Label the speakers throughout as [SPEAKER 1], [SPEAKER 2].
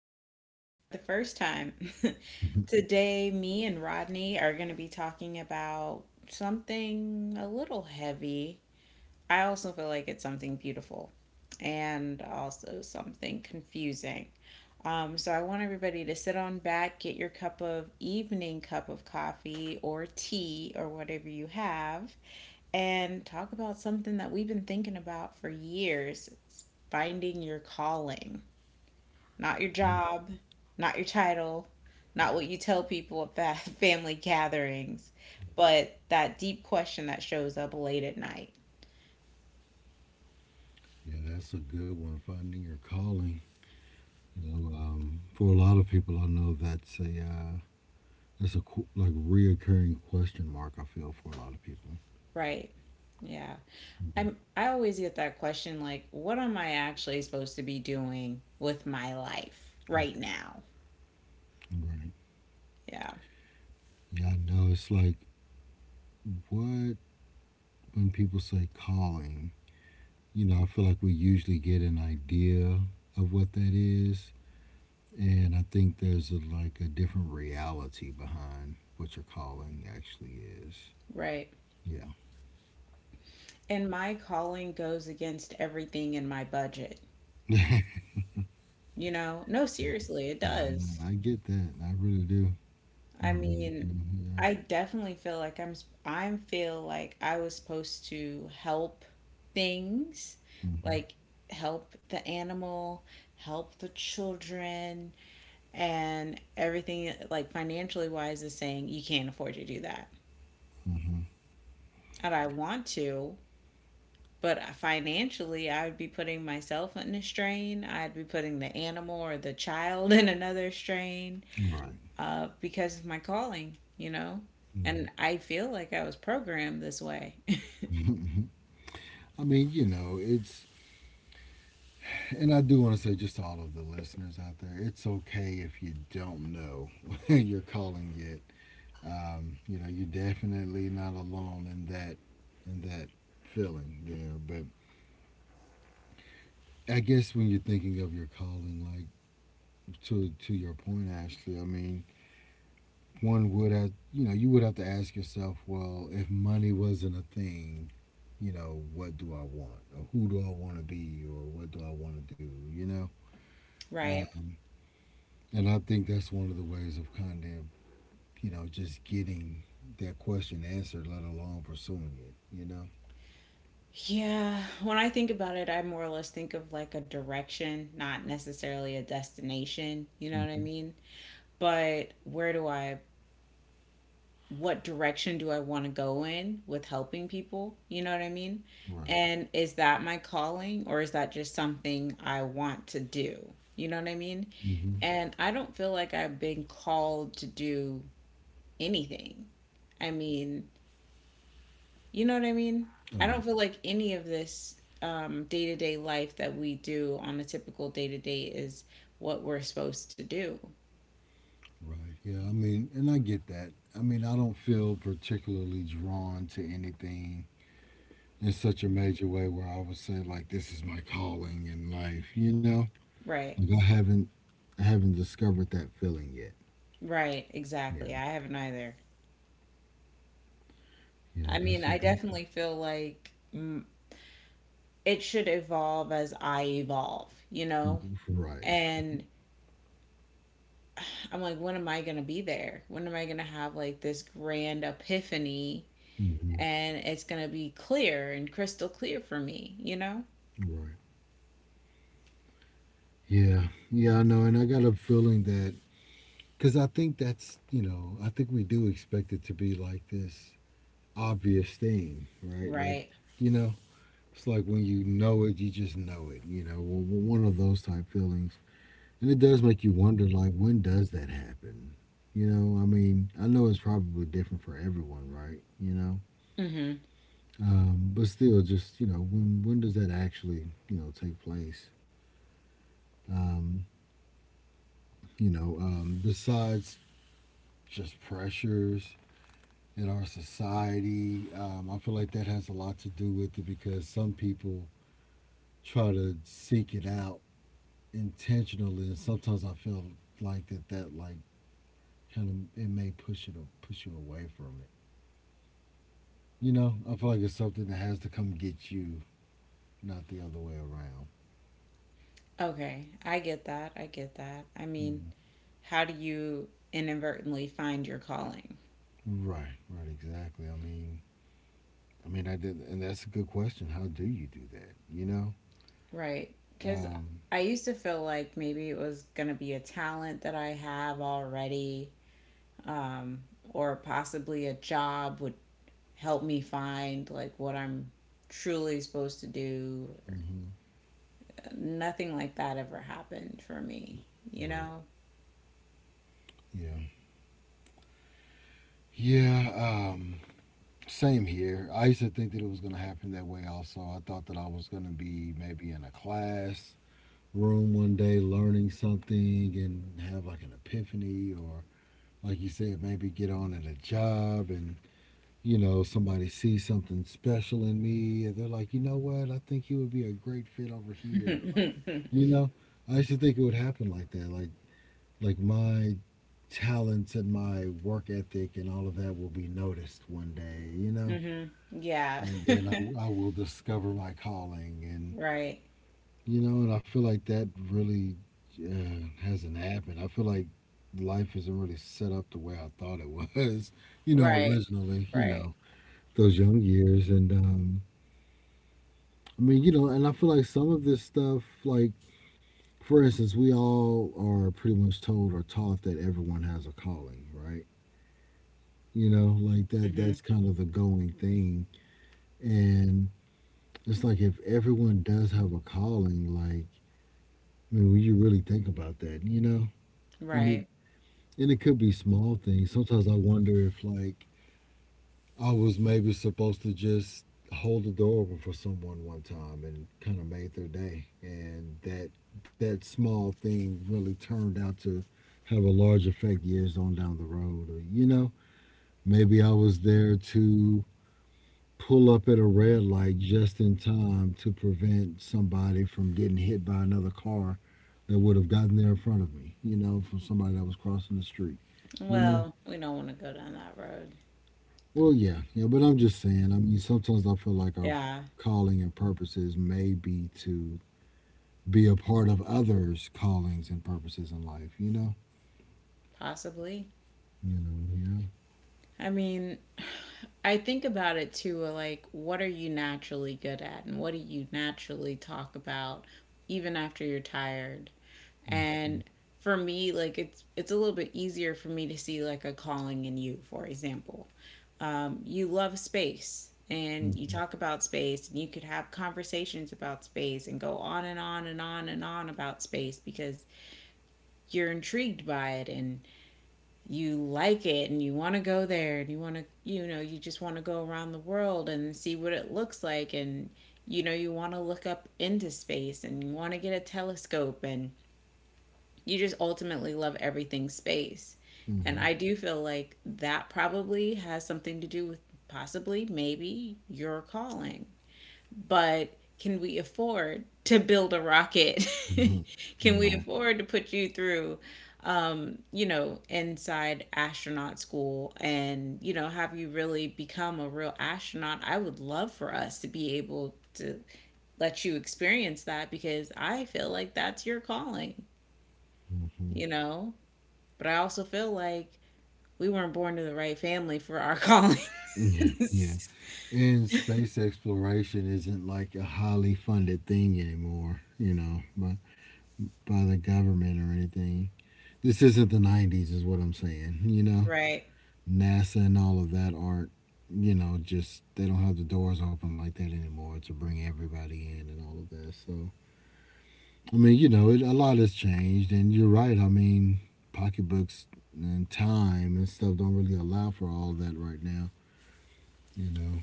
[SPEAKER 1] or welcome for the first time. Today, me and Rodney are going to be talking about something a little heavy. I also feel like it's something beautiful and also something confusing. I want everybody to sit on back, get your cup of evening cup of coffee or tea or whatever you have, and talk about something that we've been thinking about for years, finding your calling, not your job, not your title, not what you tell people at family gatherings, but that deep question that shows up late at night,
[SPEAKER 2] Yeah, that's a good one. Finding your calling. You know, for a lot of people, I know that's a like reoccurring question mark, I feel, for a lot of people.
[SPEAKER 1] right? Yeah.
[SPEAKER 2] Mhm.
[SPEAKER 1] I always get that question, like, what am I actually supposed to be doing with my life right now?
[SPEAKER 2] Right.
[SPEAKER 1] Yeah.
[SPEAKER 2] Yeah, I know. It's like, what, when people say calling. You know, I feel like we usually get an idea of what that is, and I think there's like a different reality behind what your calling actually is.
[SPEAKER 1] Right.
[SPEAKER 2] Yeah.
[SPEAKER 1] And my calling goes against everything in my budget. You know? No,
[SPEAKER 2] Yeah.
[SPEAKER 1] seriously, it
[SPEAKER 2] Nah, nah,
[SPEAKER 1] does.
[SPEAKER 2] I get that. I really do. I
[SPEAKER 1] I
[SPEAKER 2] really
[SPEAKER 1] mean,
[SPEAKER 2] do. Yeah.
[SPEAKER 1] I definitely feel like I'm feel like I was supposed to help things,
[SPEAKER 2] Hmm.
[SPEAKER 1] like help the animal, help the children, and everything like financially wise is saying you can't afford to do that. And I want to, but financially I would be putting myself in a strain. I'd be putting the animal or the child in another strain.
[SPEAKER 2] Right.
[SPEAKER 1] Because of my calling, you know?
[SPEAKER 2] Mhm.
[SPEAKER 1] And I feel like I was programmed this way.
[SPEAKER 2] I mean, you know, and I do want to say, just to all of the listeners out there, it's okay if you don't know you're calling yet. You know, you're definitely not alone in that feeling there. But I guess when you're thinking of your calling, like, to your point, Ashley, I mean, one would have, you know, you would have to ask yourself, well, if money wasn't a thing, you know, what do I want, or who do I want to be, or what do I want to do, you know?
[SPEAKER 1] Right.
[SPEAKER 2] Uh, and I think that's one of the ways of kind of, you know, just getting that question answered, let alone pursuing it, you know?
[SPEAKER 1] Yeah. When I think about it, I more or less think of like a direction, not necessarily a destination. You know what I
[SPEAKER 2] Hmm.
[SPEAKER 1] mean? But where do I, What direction do I want to go in with helping people? You know what I mean?
[SPEAKER 2] Right.
[SPEAKER 1] And is that my calling, or is that just something I want to do? You know what I mean?
[SPEAKER 2] Hmm.
[SPEAKER 1] And I don't feel like I've been called to do anything. I mean, you know what I mean?
[SPEAKER 2] Oh,
[SPEAKER 1] I
[SPEAKER 2] yeah.
[SPEAKER 1] don't feel like any of this day-to-day life that we do on a typical day-to-day is what we're supposed to do.
[SPEAKER 2] Right. Yeah. I mean, and I get that. I mean, I don't feel particularly drawn to anything in such a major way where I would say, like, this is my calling in life, you know?
[SPEAKER 1] Right.
[SPEAKER 2] Like, I haven't. I haven't discovered that feeling yet.
[SPEAKER 1] Right, exactly.
[SPEAKER 2] Yeah.
[SPEAKER 1] I haven't either.
[SPEAKER 2] Yeah,
[SPEAKER 1] I mean,
[SPEAKER 2] that's a
[SPEAKER 1] I
[SPEAKER 2] big
[SPEAKER 1] definitely feel like it should evolve as I evolve, you know?
[SPEAKER 2] right.
[SPEAKER 1] And I'm like, when am I going to be there? When am I going to have like this grand epiphany,
[SPEAKER 2] Hmm.
[SPEAKER 1] and it's going to be clear and crystal clear for me, you know?
[SPEAKER 2] Right. Yeah. Yeah, I know, and I got a feeling that, because I think that's, you know, I think we do expect it to be like this obvious thing, right? Like,
[SPEAKER 1] Right.
[SPEAKER 2] you know, it's like when you know it, you just know it. You know, one of those type feelings, and it does make you wonder, like, when does that happen? You know, I mean, I know it's probably different for everyone, right? You know,
[SPEAKER 1] Mm-hmm.
[SPEAKER 2] but still, just, you know, when does that actually, you know, take place? Um, you know, besides just pressures in our society, I feel like that has a lot to do with it, because some people try to seek it out intentionally, and sometimes I feel like that like kind of it may push it, push you away from it. You know, I feel like it's something that has to come get you, not the other way around.
[SPEAKER 1] Okay, I get that. I get that. I mean,
[SPEAKER 2] Yeah.
[SPEAKER 1] how do you inadvertently find your calling?
[SPEAKER 2] Right, right, exactly. I mean, I mean, I did, and that's a good question. How do you do that? You know,
[SPEAKER 1] Right. Because
[SPEAKER 2] um,
[SPEAKER 1] I used to feel like maybe it was going to be a talent that I have already, um, or possibly a job would help me find like what I'm truly supposed to do.
[SPEAKER 2] mhm.
[SPEAKER 1] Nothing like that ever happened for me, you
[SPEAKER 2] Right.
[SPEAKER 1] know?
[SPEAKER 2] Yeah. Yeah. Same here. I used to think that it was going to happen that way also. I thought that I was going to be maybe in a class room one day learning something and have like an epiphany, or like you said, maybe get on at a job and, you know, somebody sees something special in me and they're like, you know what, I think you would be a great fit over here, like, you know, I used to think it would happen like that, like my talents and my work ethic and all of that will be noticed one day, you know?
[SPEAKER 1] Hmm. Yeah.
[SPEAKER 2] And then I I will discover my calling. And,
[SPEAKER 1] Right.
[SPEAKER 2] you know, and I feel like that really hasn't happened. I feel like life isn't really set up the way I thought it was, you know,
[SPEAKER 1] Right.
[SPEAKER 2] originally, you
[SPEAKER 1] Right.
[SPEAKER 2] know, those young years. And, I mean, you know, and I feel like some of this stuff, like, for instance, we all are pretty much told or taught that everyone has a calling, right? You know, like that
[SPEAKER 1] Mm-hmm.
[SPEAKER 2] that's kind of the going thing, and it's like, if everyone does have a calling, like, I mean, when you really think about that, you know, and it
[SPEAKER 1] Right.
[SPEAKER 2] and it could be small things. Sometimes I wonder if, like, I was maybe supposed to just hold the door open for someone one time and kind of made their day, and that that small thing really turned out to have a large effect years on down the road, or, you know, maybe I was there to pull up at a red light just in time to prevent somebody from getting hit by another car that would have gotten there in front of me, you know, from somebody that was crossing the street, you know?
[SPEAKER 1] Well, we don't want to go down that road.
[SPEAKER 2] Well, yeah, yeah, but I'm just saying, I mean, sometimes I feel like our
[SPEAKER 1] Yeah,
[SPEAKER 2] calling and purposes may be to be a part of others' callings and purposes in life, you know?
[SPEAKER 1] possibly.
[SPEAKER 2] You know, yeah.
[SPEAKER 1] I mean, I think about it too, like, what are you naturally good at, and what do you naturally talk about even after you're tired?
[SPEAKER 2] Mm-hmm.
[SPEAKER 1] And for me, like, it's a little bit easier for me to see like a calling in you, for example. You love space and you
[SPEAKER 2] Mm-hmm.
[SPEAKER 1] talk about space and you could have conversations about space and go on and on and on and on about space because you're intrigued by it, and you like it and you want to go there, and you want to, you know, you just want to go around the world and see what it looks like, and you know, you want to look up into space and you want to get a telescope, and you just ultimately love everything space, and
[SPEAKER 2] Mm-hmm.
[SPEAKER 1] I do feel like that probably has something to do with possibly maybe your calling. But can we afford to build a rocket? Can
[SPEAKER 2] Mm-hmm.
[SPEAKER 1] we
[SPEAKER 2] Right.
[SPEAKER 1] afford to put you through, you know, inside astronaut school, and, you know, have you really become a real astronaut? I would love for us to be able to let you experience that because I feel like that's your calling,
[SPEAKER 2] Mm-hmm.
[SPEAKER 1] you know? But I also feel like we weren't born to the right family for our callings.
[SPEAKER 2] Yeah, yeah, and space exploration isn't like a highly funded thing anymore, you know, by the government or anything. This isn't the 90s, is what I'm saying, you know?
[SPEAKER 1] Right.
[SPEAKER 2] NASA and all of that aren't, you know, just, they don't have the doors open like that anymore to bring everybody in and all of that. So, I mean, you know, it, a lot has changed, and you're right. I mean, pocketbooks and time and stuff don't really allow for all that right now, you know?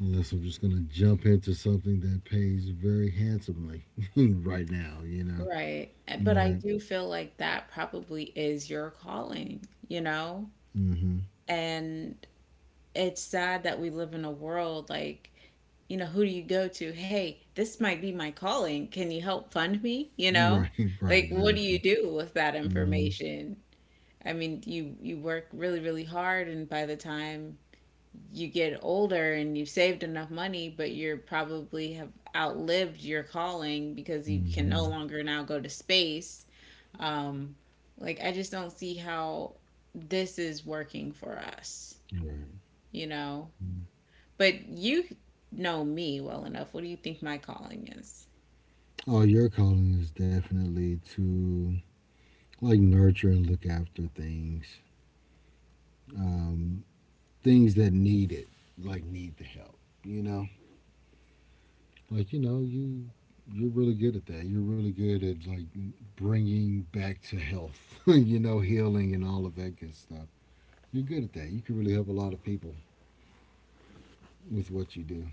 [SPEAKER 2] Unless I'm just gonna jump into something that pays very handsomely right now, you know.
[SPEAKER 1] Right. Eh, but I
[SPEAKER 2] Right.
[SPEAKER 1] do feel like that probably is your calling, you know?
[SPEAKER 2] Mm-hmm.
[SPEAKER 1] And it's sad that we live in a world like, you know, who do you go to? Hey, this might be my calling. Can you help fund me? You know?
[SPEAKER 2] Right. Right.
[SPEAKER 1] Like, what do you
[SPEAKER 2] Exactly.
[SPEAKER 1] do with that
[SPEAKER 2] Mm-hmm.
[SPEAKER 1] information? I mean, you work really, really hard, and by the time you get older and you've saved enough money, but you're probably have outlived your calling because you can
[SPEAKER 2] Mm-hmm.
[SPEAKER 1] no longer now go to space, um, like, I just don't see how this is working for us,
[SPEAKER 2] Right.
[SPEAKER 1] you know?
[SPEAKER 2] Mm.
[SPEAKER 1] But you know me well enough. What do you think my calling is?
[SPEAKER 2] Oh, your calling is definitely to like nurture and look after things, um, things that need it, like need the help. You know, like, you know, you're really good at that. You're really good at like bringing back to health. You know, healing and all of that good stuff. You're good at that. You can really help a lot of people with what you do.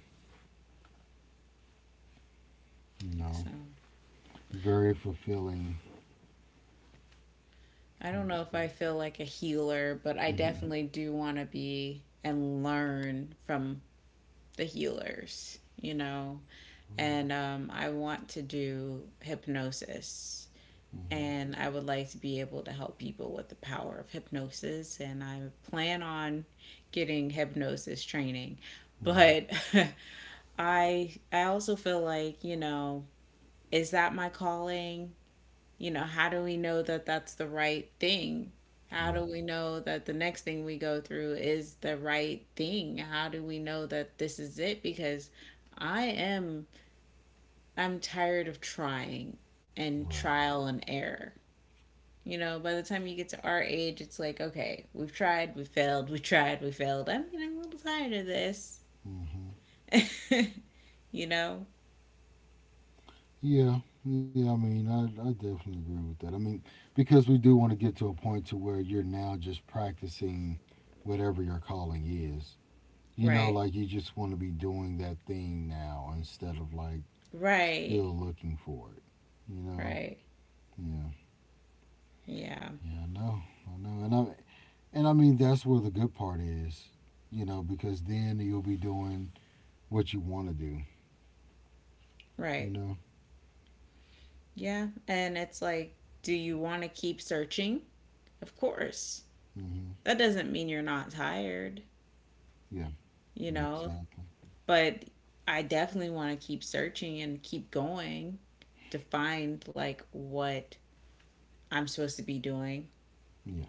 [SPEAKER 2] You know,
[SPEAKER 1] So
[SPEAKER 2] very fulfilling
[SPEAKER 1] I don't
[SPEAKER 2] type
[SPEAKER 1] know if
[SPEAKER 2] stuff.
[SPEAKER 1] I feel like a healer, but I definitely do want to be and learn from the healers, you know? And I want to do hypnosis, and I would like to be able to help people with the power of hypnosis. And I plan on getting hypnosis training, but I also feel like, you know, is that my calling? You know, how do we know that that's the right thing? How do
[SPEAKER 2] Right,
[SPEAKER 1] we know that the next thing we go through is the right thing? How do we know that this is it? Because I am I'm tired of trying and
[SPEAKER 2] right.
[SPEAKER 1] trial and error. You know, by the time you get to our age, it's like, okay, we've tried, we failed, we tried, we failed. I'm getting a little tired of this.
[SPEAKER 2] Mm. Hmm.
[SPEAKER 1] You know?
[SPEAKER 2] Yeah, yeah. I mean, I definitely agree with that. I mean, because we do want to get to a point to where you're now just practicing whatever your calling is. You know,
[SPEAKER 1] Right.
[SPEAKER 2] like, you just want to be doing that thing now instead of like
[SPEAKER 1] Right.
[SPEAKER 2] still looking for it. You know?
[SPEAKER 1] Right.
[SPEAKER 2] Yeah.
[SPEAKER 1] Yeah.
[SPEAKER 2] Yeah, I know. I know. And I mean, that's where the good part is, you know, because then you'll be doing what you want to do, you
[SPEAKER 1] Right.
[SPEAKER 2] know?
[SPEAKER 1] Yeah. And it's like, do you want to keep searching? Of course.
[SPEAKER 2] Hmm.
[SPEAKER 1] That doesn't mean you're not tired,
[SPEAKER 2] Yeah,
[SPEAKER 1] you
[SPEAKER 2] yeah,
[SPEAKER 1] know,
[SPEAKER 2] exactly.
[SPEAKER 1] but I definitely want to keep searching and keep going to find like what I'm supposed to be doing.
[SPEAKER 2] Yeah.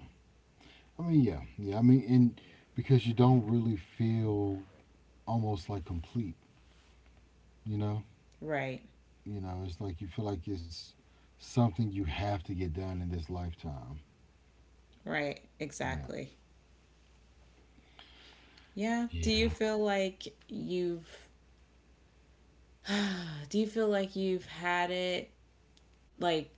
[SPEAKER 2] I mean, yeah, yeah. I mean, and because you don't really feel almost like complete, you know?
[SPEAKER 1] Right.
[SPEAKER 2] You know, it's like you feel like it's something you have to get done in this lifetime.
[SPEAKER 1] Right,
[SPEAKER 2] Yeah.
[SPEAKER 1] exactly. Yeah. Do you
[SPEAKER 2] Yeah.
[SPEAKER 1] feel like you've do you feel like you've had it, like,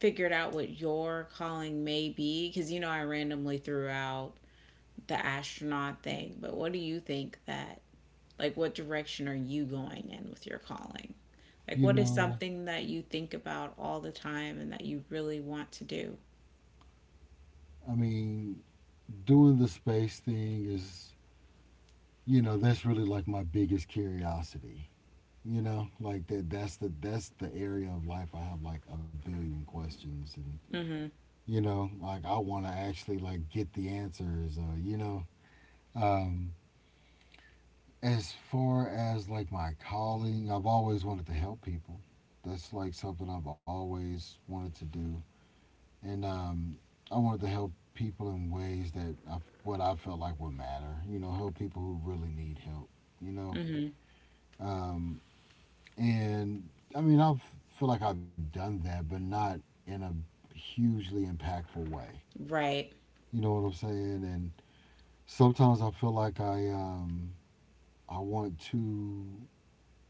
[SPEAKER 1] figured out what your calling may be? Cuz you know, I randomly threw out the astronaut thing, but what do you think that, like, what direction are you going in with your calling? Like,
[SPEAKER 2] You
[SPEAKER 1] what is
[SPEAKER 2] know,
[SPEAKER 1] something that you think about all the time and that you really want to do?
[SPEAKER 2] I mean, doing the space thing is, you know, that's really like my biggest curiosity. You know, like that. That's the area of life I have like a billion questions, and,
[SPEAKER 1] Mhm.
[SPEAKER 2] you know, like, I want to actually like get the answers. You know, um, as far as like my calling, I've always wanted to help people. That's like something I've always wanted to do, and I wanted to help people in ways that what I felt like would matter. You know, help people who really need help. You know,
[SPEAKER 1] Mhm.
[SPEAKER 2] um, And I mean, I feel like I've done that, but not in a hugely impactful way.
[SPEAKER 1] Right.
[SPEAKER 2] You know what I'm saying? And sometimes I feel like I want to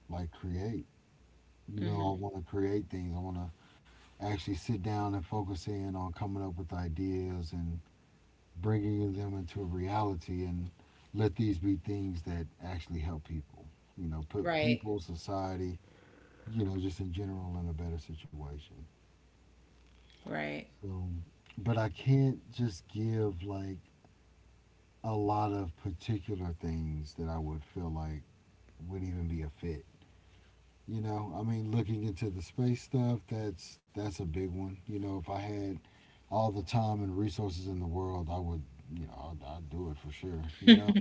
[SPEAKER 2] like create. You know, I
[SPEAKER 1] Mhm.
[SPEAKER 2] want to create things. I want to actually sit down and focus in on coming up with ideas and bringing them into reality and let these be things that actually help people. You know, put
[SPEAKER 1] Right.
[SPEAKER 2] people, society, you know, just in general in a better situation.
[SPEAKER 1] Right.
[SPEAKER 2] So, but I can't just give like a lot of particular things that I would feel like would even be a fit. You know, I mean, looking into the space stuff, that's a big one. You know, if I had all the time and resources in the world, I would, you know, I'd do it for sure. You know,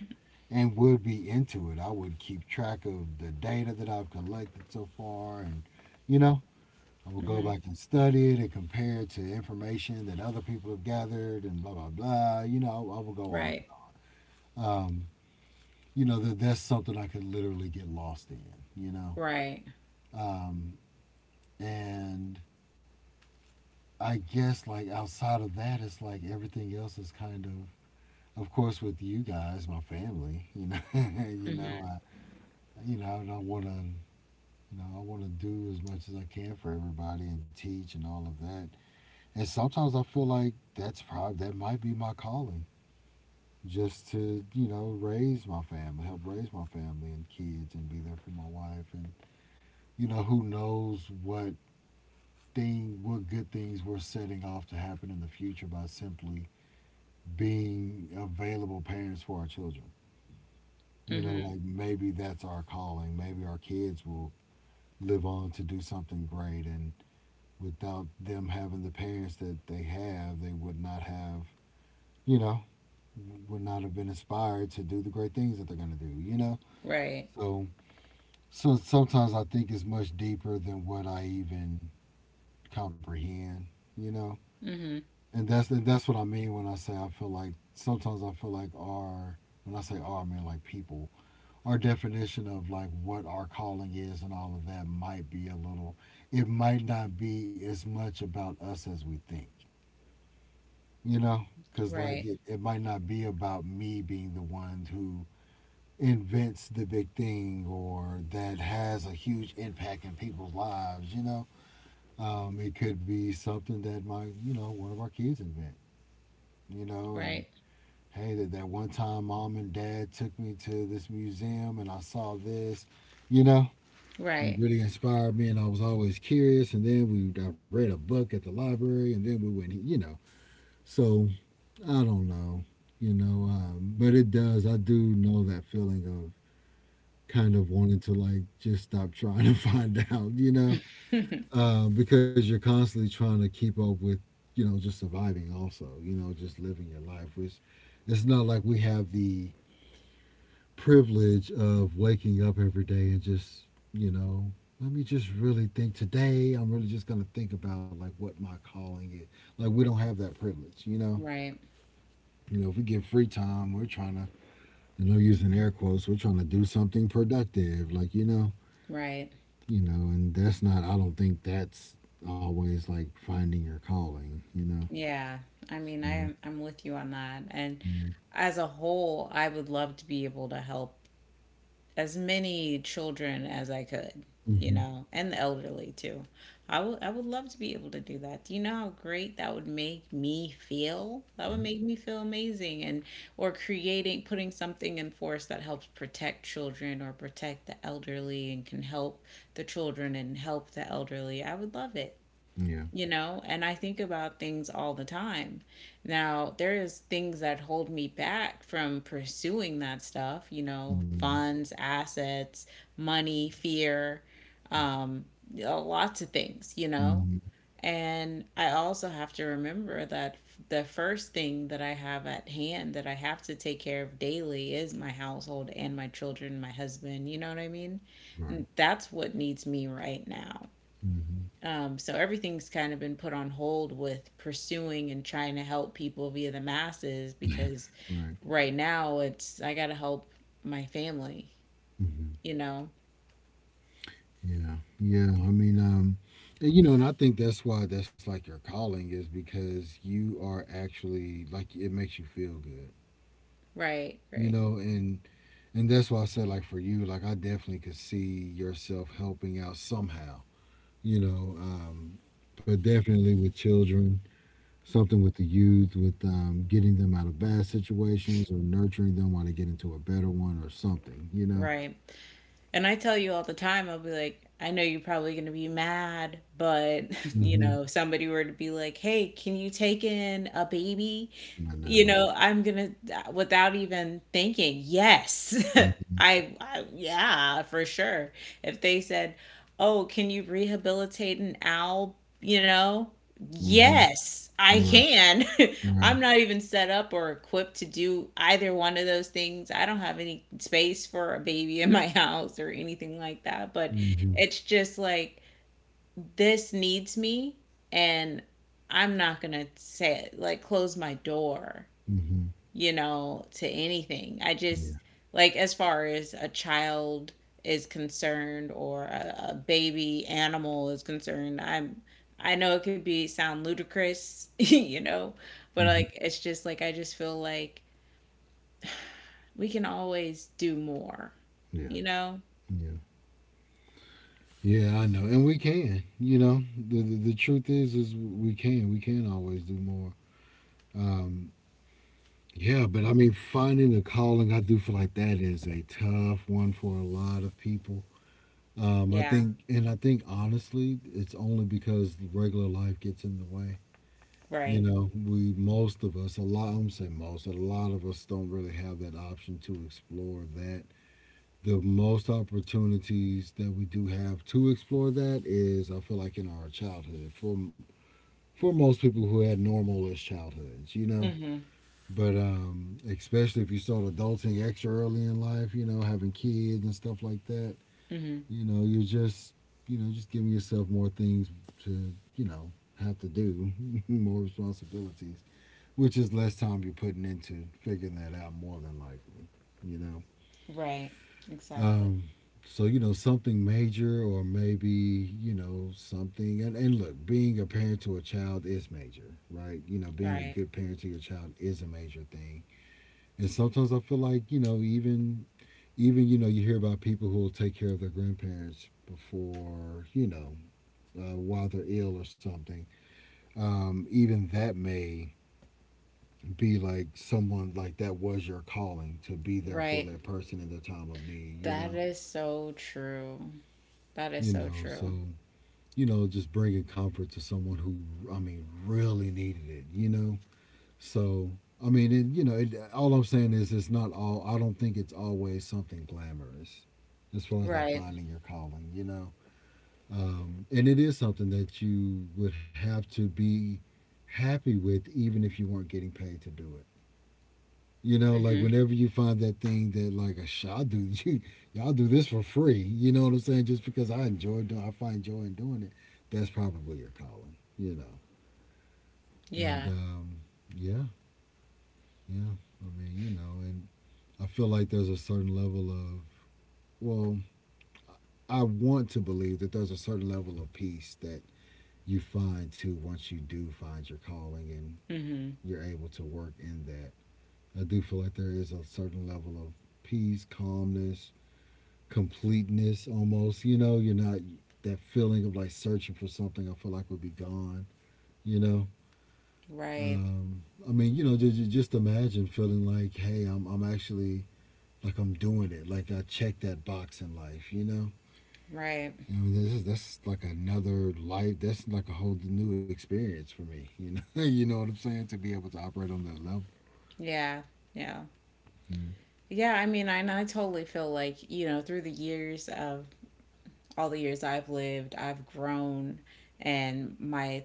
[SPEAKER 2] and would be into it. I would keep track of the data that I've collected so far, and you know, I will go
[SPEAKER 1] Mhm.
[SPEAKER 2] back and study it and compare it to information that other people have gathered and blah, blah, blah. You know, I will go on.
[SPEAKER 1] Right.
[SPEAKER 2] Um, you know, that's something I could literally get lost in, you know?
[SPEAKER 1] Right.
[SPEAKER 2] Um, and I guess, like, outside of that, it's like everything else is kind of course, with you guys, my family, you know, you
[SPEAKER 1] Mm-hmm.
[SPEAKER 2] know, you know, I don't want to, you know, I want to do as much as I can for everybody and teach and all of that. And sometimes I feel like that might be my calling, just to raise my family, help raise my family and kids, and be there for my wife, and who knows what good things we're setting off to happen in the future by simply being available parents for our children.
[SPEAKER 1] Hmm.
[SPEAKER 2] Like maybe that's our calling. Maybe our kids will live on to do something great, and without them having the parents that they have, they you know would not have been inspired to do the great things that they're going to do.
[SPEAKER 1] Right.
[SPEAKER 2] So, so sometimes I think it's much deeper than what I even comprehend, you know?
[SPEAKER 1] Hmm.
[SPEAKER 2] And that's what I mean when I say I feel like sometimes I feel like our, when I say our I mean like people, our definition of like what our calling is and all of that might be a little it might not be as much about us as we think, you know because like
[SPEAKER 1] Right.
[SPEAKER 2] it, it might not be about me being the one who invents the big thing or that has a huge impact in people's lives. It could be something that one of our kids invent, and
[SPEAKER 1] Right.
[SPEAKER 2] hey, that one time mom and dad took me to this museum and I saw this, you know. It
[SPEAKER 1] Right.
[SPEAKER 2] really inspired me and I was always curious and then we I read a book at the library and then we went. So, I don't know. But it does. I do know that feeling of kind of wanting to like just stop trying to find out, because you're constantly trying to keep up with, just surviving also, just living your life, which it's not like we have the privilege of waking up every day and just, you know, let me just really think today. I'm really just going to think about like what my calling is. Like we don't have that privilege.
[SPEAKER 1] Right.
[SPEAKER 2] If we get free time, we're trying to, using air quotes, we're trying to do something productive, like
[SPEAKER 1] Right.
[SPEAKER 2] and that's not, I don't think that's always like finding your calling.
[SPEAKER 1] Yeah. I
[SPEAKER 2] So,
[SPEAKER 1] mean, I'm
[SPEAKER 2] yeah.
[SPEAKER 1] with you on that. And as a whole, I would love to be able to help as many children as I could, you
[SPEAKER 2] Mm-hmm.
[SPEAKER 1] know, and the elderly too. I would love to be able to do that. Do you know how great that would make me feel? That would
[SPEAKER 2] Yeah.
[SPEAKER 1] make me feel amazing. And or creating, putting something in force that helps protect children or protect the elderly and can help the children and help the elderly, I would love it,
[SPEAKER 2] Yeah.
[SPEAKER 1] you know. And I think about things all the time. Now there is things that hold me back from pursuing that stuff, you know,
[SPEAKER 2] Mm-hmm.
[SPEAKER 1] funds, assets, money, fear, um, lots of things, you know.
[SPEAKER 2] Mm-hmm.
[SPEAKER 1] And I also have to remember that the first thing that I have at hand that I have to take care of daily is my household and my children, my husband, you know what I mean.
[SPEAKER 2] Right.
[SPEAKER 1] That's what needs me right now,
[SPEAKER 2] Mm-hmm.
[SPEAKER 1] so everything's kind of been put on hold with pursuing and trying to help people via the masses because
[SPEAKER 2] Right.
[SPEAKER 1] right now it's I gotta help my family,
[SPEAKER 2] Mm-hmm.
[SPEAKER 1] you know?
[SPEAKER 2] Yeah. Yeah. I mean, and I think that's why that's like your calling is because you are actually like it makes you feel good,
[SPEAKER 1] Right,
[SPEAKER 2] you
[SPEAKER 1] right,
[SPEAKER 2] know, and and that's why I said like for you, like I definitely could see yourself helping out somehow, you know, um, but definitely with children, something with the youth, with getting them out of bad situations or nurturing them while they get into a better one or something.
[SPEAKER 1] right. And I tell you all the time, I'll be like, I know you're probably going to be mad, but, you
[SPEAKER 2] Hmm.
[SPEAKER 1] know, if somebody were to be like, hey, can you take in a baby?
[SPEAKER 2] I
[SPEAKER 1] You
[SPEAKER 2] know.
[SPEAKER 1] know, I'm going to, without even thinking, yes, yeah, for sure. If they said, oh, can you rehabilitate an owl? You know,
[SPEAKER 2] Mm-hmm.
[SPEAKER 1] yes,
[SPEAKER 2] Hmm.
[SPEAKER 1] I
[SPEAKER 2] Right.
[SPEAKER 1] can.
[SPEAKER 2] Right.
[SPEAKER 1] I'm not even set up or equipped to do either one of those things. I don't have any space for a baby in my house or anything like that. But
[SPEAKER 2] Hmm.
[SPEAKER 1] it's just like, this needs me, and I'm not going to say, it, like, close my door,
[SPEAKER 2] Hmm.
[SPEAKER 1] you know, to anything. I
[SPEAKER 2] Yeah.
[SPEAKER 1] just, like, as far as a child is concerned or a baby animal is concerned, I'm, I know it could be sound ludicrous, you know, but
[SPEAKER 2] Hmm.
[SPEAKER 1] like, it's just like I just feel like we can always do more,
[SPEAKER 2] Yeah.
[SPEAKER 1] you know?
[SPEAKER 2] Yeah. Yeah, I know, and we can. The, the truth is we can. We can always do more. Um, Yeah, but I mean, finding the calling, I do feel like that is a tough one for a lot of people.
[SPEAKER 1] Yeah,
[SPEAKER 2] I think honestly, it's only because regular life gets in the way.
[SPEAKER 1] right.
[SPEAKER 2] We Most of us, a lot, I'm saying most, a lot of us don't really have that option to explore that. The most opportunities that we do have to explore that is, I feel like, in our childhood. For most people who had normal-ish childhoods,
[SPEAKER 1] Mhm.
[SPEAKER 2] but especially if you start adulting extra early in life, having kids and stuff like that,
[SPEAKER 1] Mhm.
[SPEAKER 2] you're just, just giving yourself more things to, have to do, more responsibilities, which is less time you're putting into figuring that out more than likely, you know.
[SPEAKER 1] Right. Exactly.
[SPEAKER 2] Um, so something major or maybe something and look, being a parent to a child is major, right, being a
[SPEAKER 1] Right.
[SPEAKER 2] good parent to your child is a major thing, and sometimes I feel like, even you hear about people who will take care of their grandparents before you know while they're ill or something, even that may be, like, someone like that was your calling to be there for
[SPEAKER 1] Right.
[SPEAKER 2] that person in their time of need you
[SPEAKER 1] That
[SPEAKER 2] know
[SPEAKER 1] is so true. That is
[SPEAKER 2] you
[SPEAKER 1] so
[SPEAKER 2] know
[SPEAKER 1] true.
[SPEAKER 2] So, just bringing comfort to someone who, I mean, really needed it. So I mean, it, all I'm saying is it's not all. I don't think it's always something glamorous, as far as like
[SPEAKER 1] Right.
[SPEAKER 2] finding your calling. And it is something that you would have to be happy with, even if you weren't getting paid to do it. Like
[SPEAKER 1] Mhm.
[SPEAKER 2] whenever you find that thing that like I shot do you y'all do this for free. You know what I'm saying? Just because I enjoy doing, I find joy in doing it. That's probably your calling. You know, and
[SPEAKER 1] Yeah.
[SPEAKER 2] um, yeah, yeah. I mean, and I feel like there's a certain level of, well, I want to believe that there's a certain level of peace that you find too once you do find your calling and
[SPEAKER 1] Hmm.
[SPEAKER 2] you're able to work in that. I do feel like there is a certain level of peace, calmness, completeness almost. You're not that feeling of like searching for something I feel like would be gone, you know?
[SPEAKER 1] Right.
[SPEAKER 2] I mean, just imagine feeling like, hey, I'm actually like I'm doing it. Like I checked that box in life.
[SPEAKER 1] Right.
[SPEAKER 2] You know, this is That's like another life. That's like a whole new experience for me. You know what I'm saying? To be able to operate on that level.
[SPEAKER 1] Yeah. Yeah. Yeah. I mean, and I totally feel like, you know, through the years of all the years I've lived, I've grown and my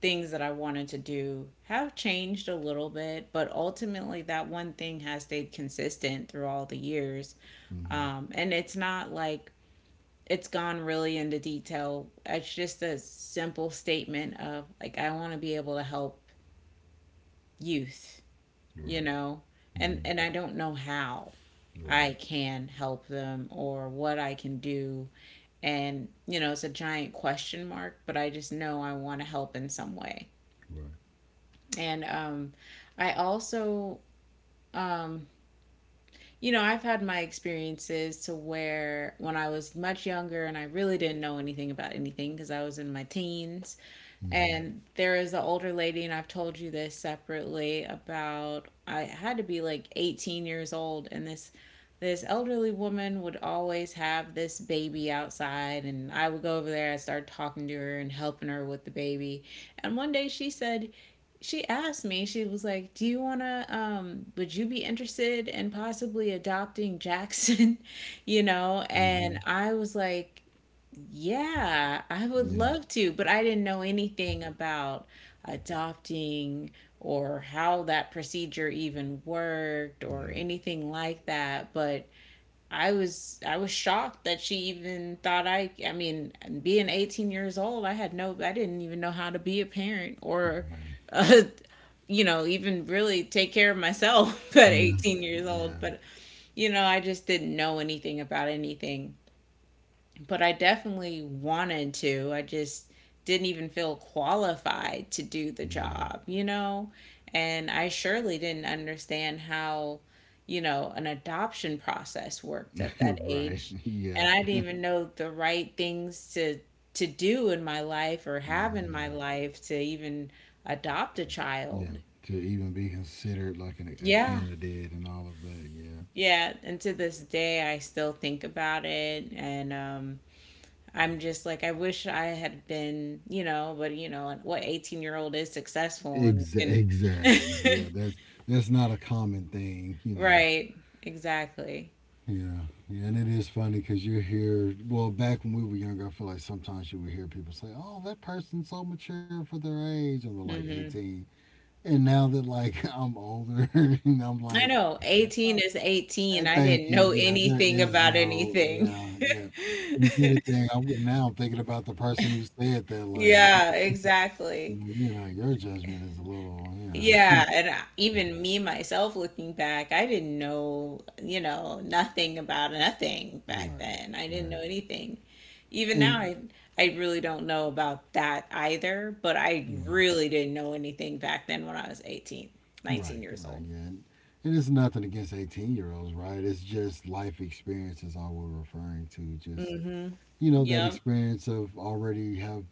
[SPEAKER 1] things that I wanted to do have changed a little bit, but ultimately that one thing has stayed consistent through all the years.
[SPEAKER 2] Mm-hmm.
[SPEAKER 1] And it's not like, It's gone really into detail. It's just a simple statement of like I want to be able to help youth you
[SPEAKER 2] Right.
[SPEAKER 1] know, and
[SPEAKER 2] Mm-hmm.
[SPEAKER 1] and I don't know how I
[SPEAKER 2] Right.
[SPEAKER 1] can help them or what I can do. And you know, it's a giant question mark, but I just know I want to help in some way.
[SPEAKER 2] Right.
[SPEAKER 1] And I also um you know, I've had my experiences to where when I was much younger and I really didn't know anything about anything because I was in my teens.
[SPEAKER 2] Mm-hmm.
[SPEAKER 1] And there is an older lady, and I've told you this separately about I had to be like 18 years old, and this elderly woman would always have this baby outside, and I would go over there. I started talking to her and helping her with the baby, and one day she asked me, "Do you wanna? Would you be interested in possibly adopting Jackson?" you know,
[SPEAKER 2] Mm-hmm.
[SPEAKER 1] and I was like, yeah, I would
[SPEAKER 2] Yeah.
[SPEAKER 1] love to, but I didn't know anything about adopting or how that procedure even worked or
[SPEAKER 2] Yeah.
[SPEAKER 1] anything like that. But I was shocked that she even thought being 18 years old, I had no I didn't even know how to be a parent or
[SPEAKER 2] Right.
[SPEAKER 1] uh, you know, even really take care of myself at
[SPEAKER 2] Yeah.
[SPEAKER 1] 18 years old.
[SPEAKER 2] Yeah.
[SPEAKER 1] But you know, I just didn't know anything about anything, but I definitely wanted to. I just didn't even feel qualified to do the job, you know? And I surely didn't understand how, you know, an adoption process worked
[SPEAKER 2] Yeah.
[SPEAKER 1] at that
[SPEAKER 2] Right.
[SPEAKER 1] age.
[SPEAKER 2] Yeah.
[SPEAKER 1] And I didn't even know the right things to do in my life or have in my
[SPEAKER 2] Mm-hmm.
[SPEAKER 1] life to even adopt a
[SPEAKER 2] Yeah.
[SPEAKER 1] child.
[SPEAKER 2] To even be considered like a
[SPEAKER 1] Yeah.
[SPEAKER 2] candidate and all of that. Yeah.
[SPEAKER 1] Yeah, and to this day I still think about it. And I'm just like, I wish I had been, you know, but you know, and what 18-year-old is successful and
[SPEAKER 2] Exa-
[SPEAKER 1] can,
[SPEAKER 2] exactly. Yeah. That's not a common thing.
[SPEAKER 1] right, exactly.
[SPEAKER 2] Yeah, yeah, and it is funny because you hear. Well, back when we were younger, I feel like sometimes you would hear people say, "Oh, that person's so mature for their age," and they're like
[SPEAKER 1] Hmm.
[SPEAKER 2] 18. And now that like I'm older, and I'm
[SPEAKER 1] I
[SPEAKER 2] like,
[SPEAKER 1] know 18 is
[SPEAKER 2] "Eh,"
[SPEAKER 1] 18. I didn't
[SPEAKER 2] "Thank you."
[SPEAKER 1] know
[SPEAKER 2] Yeah, there
[SPEAKER 1] anything
[SPEAKER 2] is
[SPEAKER 1] about
[SPEAKER 2] no.
[SPEAKER 1] anything.
[SPEAKER 2] Yeah, yeah. If anything, now I'm thinking about the person who said that. Like, oh,
[SPEAKER 1] Yeah, exactly.
[SPEAKER 2] your judgment is a little.
[SPEAKER 1] Yeah, even me myself looking back, I didn't know, you know, nothing about nothing back
[SPEAKER 2] Right,
[SPEAKER 1] then. I didn't know
[SPEAKER 2] right,
[SPEAKER 1] anything. Even now,
[SPEAKER 2] and.
[SPEAKER 1] I really don't know about that either, but I
[SPEAKER 2] Right.
[SPEAKER 1] really didn't know anything back then when I was 18, nineteen
[SPEAKER 2] Right,
[SPEAKER 1] years
[SPEAKER 2] right,
[SPEAKER 1] old.
[SPEAKER 2] yeah. And it's nothing against 18-year-olds, right? It's just life experience is all we're referring to. Just,
[SPEAKER 1] Mm-hmm.
[SPEAKER 2] that
[SPEAKER 1] Yep.
[SPEAKER 2] experience of already have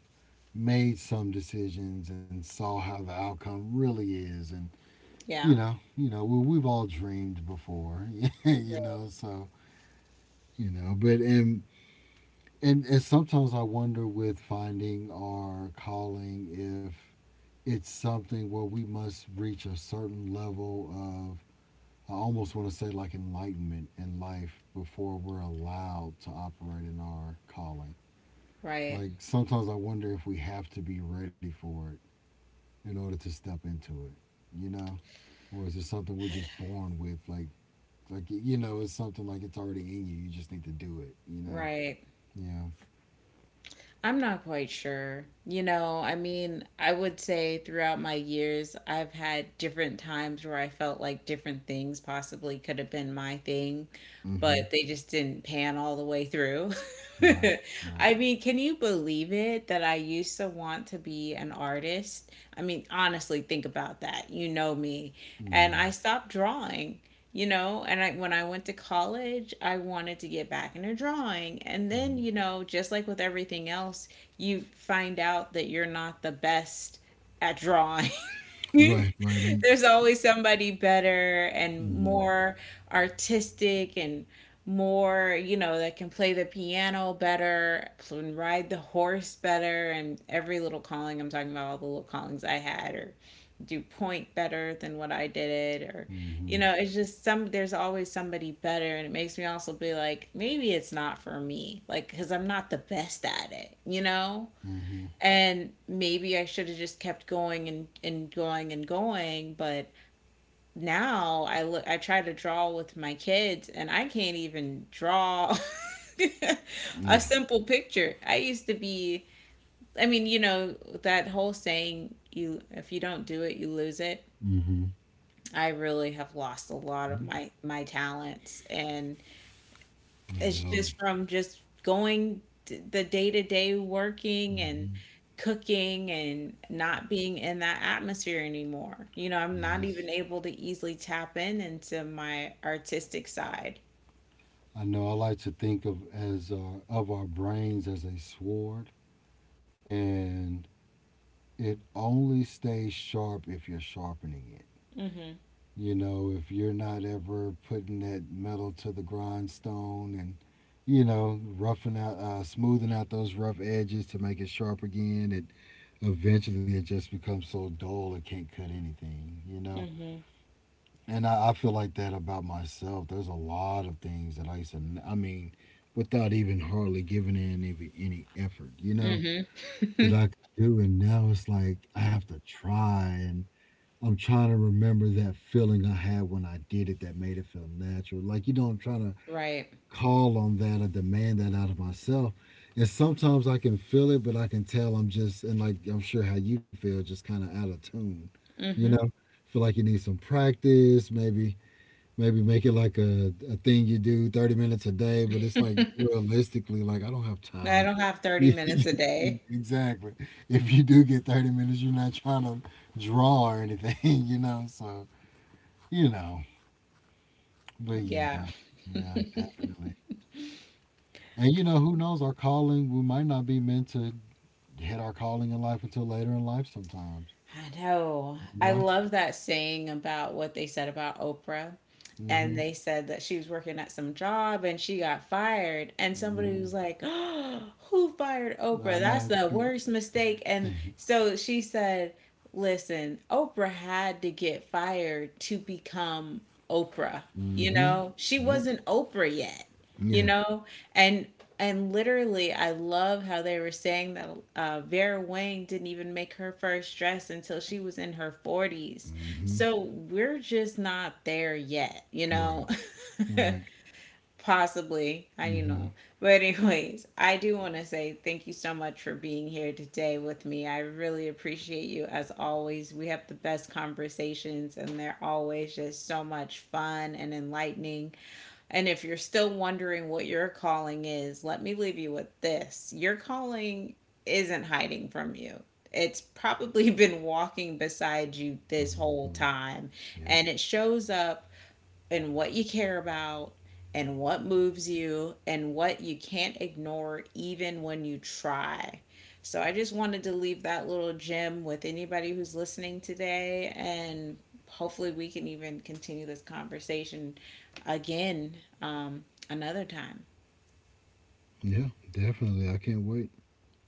[SPEAKER 2] made some decisions and saw how the outcome really is. And,
[SPEAKER 1] Yeah.
[SPEAKER 2] well, we've all dreamed before, so, but, and sometimes I wonder with finding our calling if it's something where we must reach a certain level of, I almost want to say, like enlightenment in life before we're allowed to operate in our calling.
[SPEAKER 1] Right.
[SPEAKER 2] Like sometimes I wonder if we have to be ready for it in order to step into it, you know? Or is it something we're just born with? Like, like, it's something like it's already in you. You just need to do it.
[SPEAKER 1] Right.
[SPEAKER 2] Yeah.
[SPEAKER 1] I'm not quite sure. You know, I mean, I would say throughout my years, I've had different times where I felt like different things possibly could have been my thing,
[SPEAKER 2] Mm-hmm.
[SPEAKER 1] but they just didn't pan all the way through.
[SPEAKER 2] Right. Right.
[SPEAKER 1] I mean, can you believe it that I used to want to be an artist? I mean, honestly, think about that. You know me. And
[SPEAKER 2] Mm-hmm.
[SPEAKER 1] I stopped drawing you know and I when I went to college I wanted to get back into drawing, and then
[SPEAKER 2] Mm-hmm.
[SPEAKER 1] you know, just like with everything else, you find out that you're not the best at drawing. You
[SPEAKER 2] Right. Right. And.
[SPEAKER 1] There's always somebody better and
[SPEAKER 2] Mm-hmm.
[SPEAKER 1] more artistic and more, you know, that can play the piano better, can ride the horse better. And every little calling, I'm talking about all the little callings I had, or do point better than what I did, or
[SPEAKER 2] Mm-hmm.
[SPEAKER 1] you know, it's just some there's always somebody better, and it makes me also be like, maybe it's not for me, like, because I'm not the best at it, you know,
[SPEAKER 2] Mm-hmm.
[SPEAKER 1] and maybe I should have just kept going and going and going. But now I look, I try to draw with my kids and I can't even draw a
[SPEAKER 2] Yeah.
[SPEAKER 1] simple picture. I used to be I mean, you know, that whole saying, you if you don't do it, you lose it.
[SPEAKER 2] Mm-hmm.
[SPEAKER 1] I really have lost a lot of
[SPEAKER 2] Mm-hmm.
[SPEAKER 1] my talents, and
[SPEAKER 2] I
[SPEAKER 1] it's
[SPEAKER 2] know.
[SPEAKER 1] just from just going the day to day working and
[SPEAKER 2] Mm-hmm.
[SPEAKER 1] cooking and not being in that atmosphere anymore. You know, I'm not even
[SPEAKER 2] Yes.
[SPEAKER 1] able to easily tap in into my artistic side.
[SPEAKER 2] I know I like to think of our brains as a sword, and it only stays sharp if you're sharpening it.
[SPEAKER 1] Mhm.
[SPEAKER 2] If you're not ever putting that metal to the grindstone and smoothing out those rough edges to make it sharp again, it eventually it just becomes so dull it can't cut anything.
[SPEAKER 1] Mhm.
[SPEAKER 2] And I feel like that about myself. There's a lot of things that I used to, I mean, without even hardly giving in any effort,
[SPEAKER 1] Mhm.
[SPEAKER 2] that I could do. And now it's like I have to try. And I'm trying to remember that feeling I had when I did it that made it feel natural. Like, I'm trying to
[SPEAKER 1] Right.
[SPEAKER 2] call on that or demand that out of myself. And sometimes I can feel it, but I can tell I'm just, and like I'm sure how you feel, just kind of out of tune, you
[SPEAKER 1] Mhm.
[SPEAKER 2] know? Feel like you need some practice, maybe. Maybe make it like a thing you do 30 minutes a day, but it's like realistically, like I don't have
[SPEAKER 1] I
[SPEAKER 2] time
[SPEAKER 1] don't
[SPEAKER 2] for.
[SPEAKER 1] have 30
[SPEAKER 2] Yeah,
[SPEAKER 1] minutes a day.
[SPEAKER 2] exactly. If you do get 30 minutes, you're not trying to draw or anything, So, you know, but
[SPEAKER 1] Yeah.
[SPEAKER 2] yeah, yeah, definitely. And who knows, our calling, we might not be meant to hit our calling in life until later in life sometimes,
[SPEAKER 1] I know.
[SPEAKER 2] you
[SPEAKER 1] I
[SPEAKER 2] know?
[SPEAKER 1] love that saying about what they said about Oprah.
[SPEAKER 2] Hmm.
[SPEAKER 1] And they said that she was working at some job and she got fired. And somebody
[SPEAKER 2] Hmm.
[SPEAKER 1] was like, oh, who fired Oprah?
[SPEAKER 2] I
[SPEAKER 1] That's
[SPEAKER 2] know.
[SPEAKER 1] the worst mistake. And so she said, listen, Oprah had to get fired to become Oprah. You
[SPEAKER 2] Mm-hmm.
[SPEAKER 1] know, she
[SPEAKER 2] Yep.
[SPEAKER 1] wasn't Oprah yet. You
[SPEAKER 2] Yeah.
[SPEAKER 1] know, and and literally I love how they were saying that Vera Wang didn't even make her first dress until she was in her 40s.
[SPEAKER 2] Mm-hmm.
[SPEAKER 1] So we're just not there yet, you
[SPEAKER 2] Right.
[SPEAKER 1] know.
[SPEAKER 2] Right.
[SPEAKER 1] Possibly, I you
[SPEAKER 2] Mm-hmm.
[SPEAKER 1] know. But anyways, I do want to say thank you so much for being here today with me. I really appreciate you. As always, we have the best conversations and they're always just so much fun and enlightening. And if you're still wondering what your calling is, let me leave you with this. Your calling isn't hiding from you. It's probably been walking beside you this
[SPEAKER 2] Mm-hmm.
[SPEAKER 1] whole
[SPEAKER 2] Mm-hmm.
[SPEAKER 1] time,
[SPEAKER 2] Yep.
[SPEAKER 1] and it shows up and what you care about and what moves you and what you can't ignore even when you try. So I just wanted to leave that little gem with anybody who's listening today, and hopefully we can even continue this conversation again another time.
[SPEAKER 2] Yeah, definitely. I can't wait.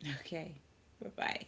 [SPEAKER 1] Okay. Bye-bye.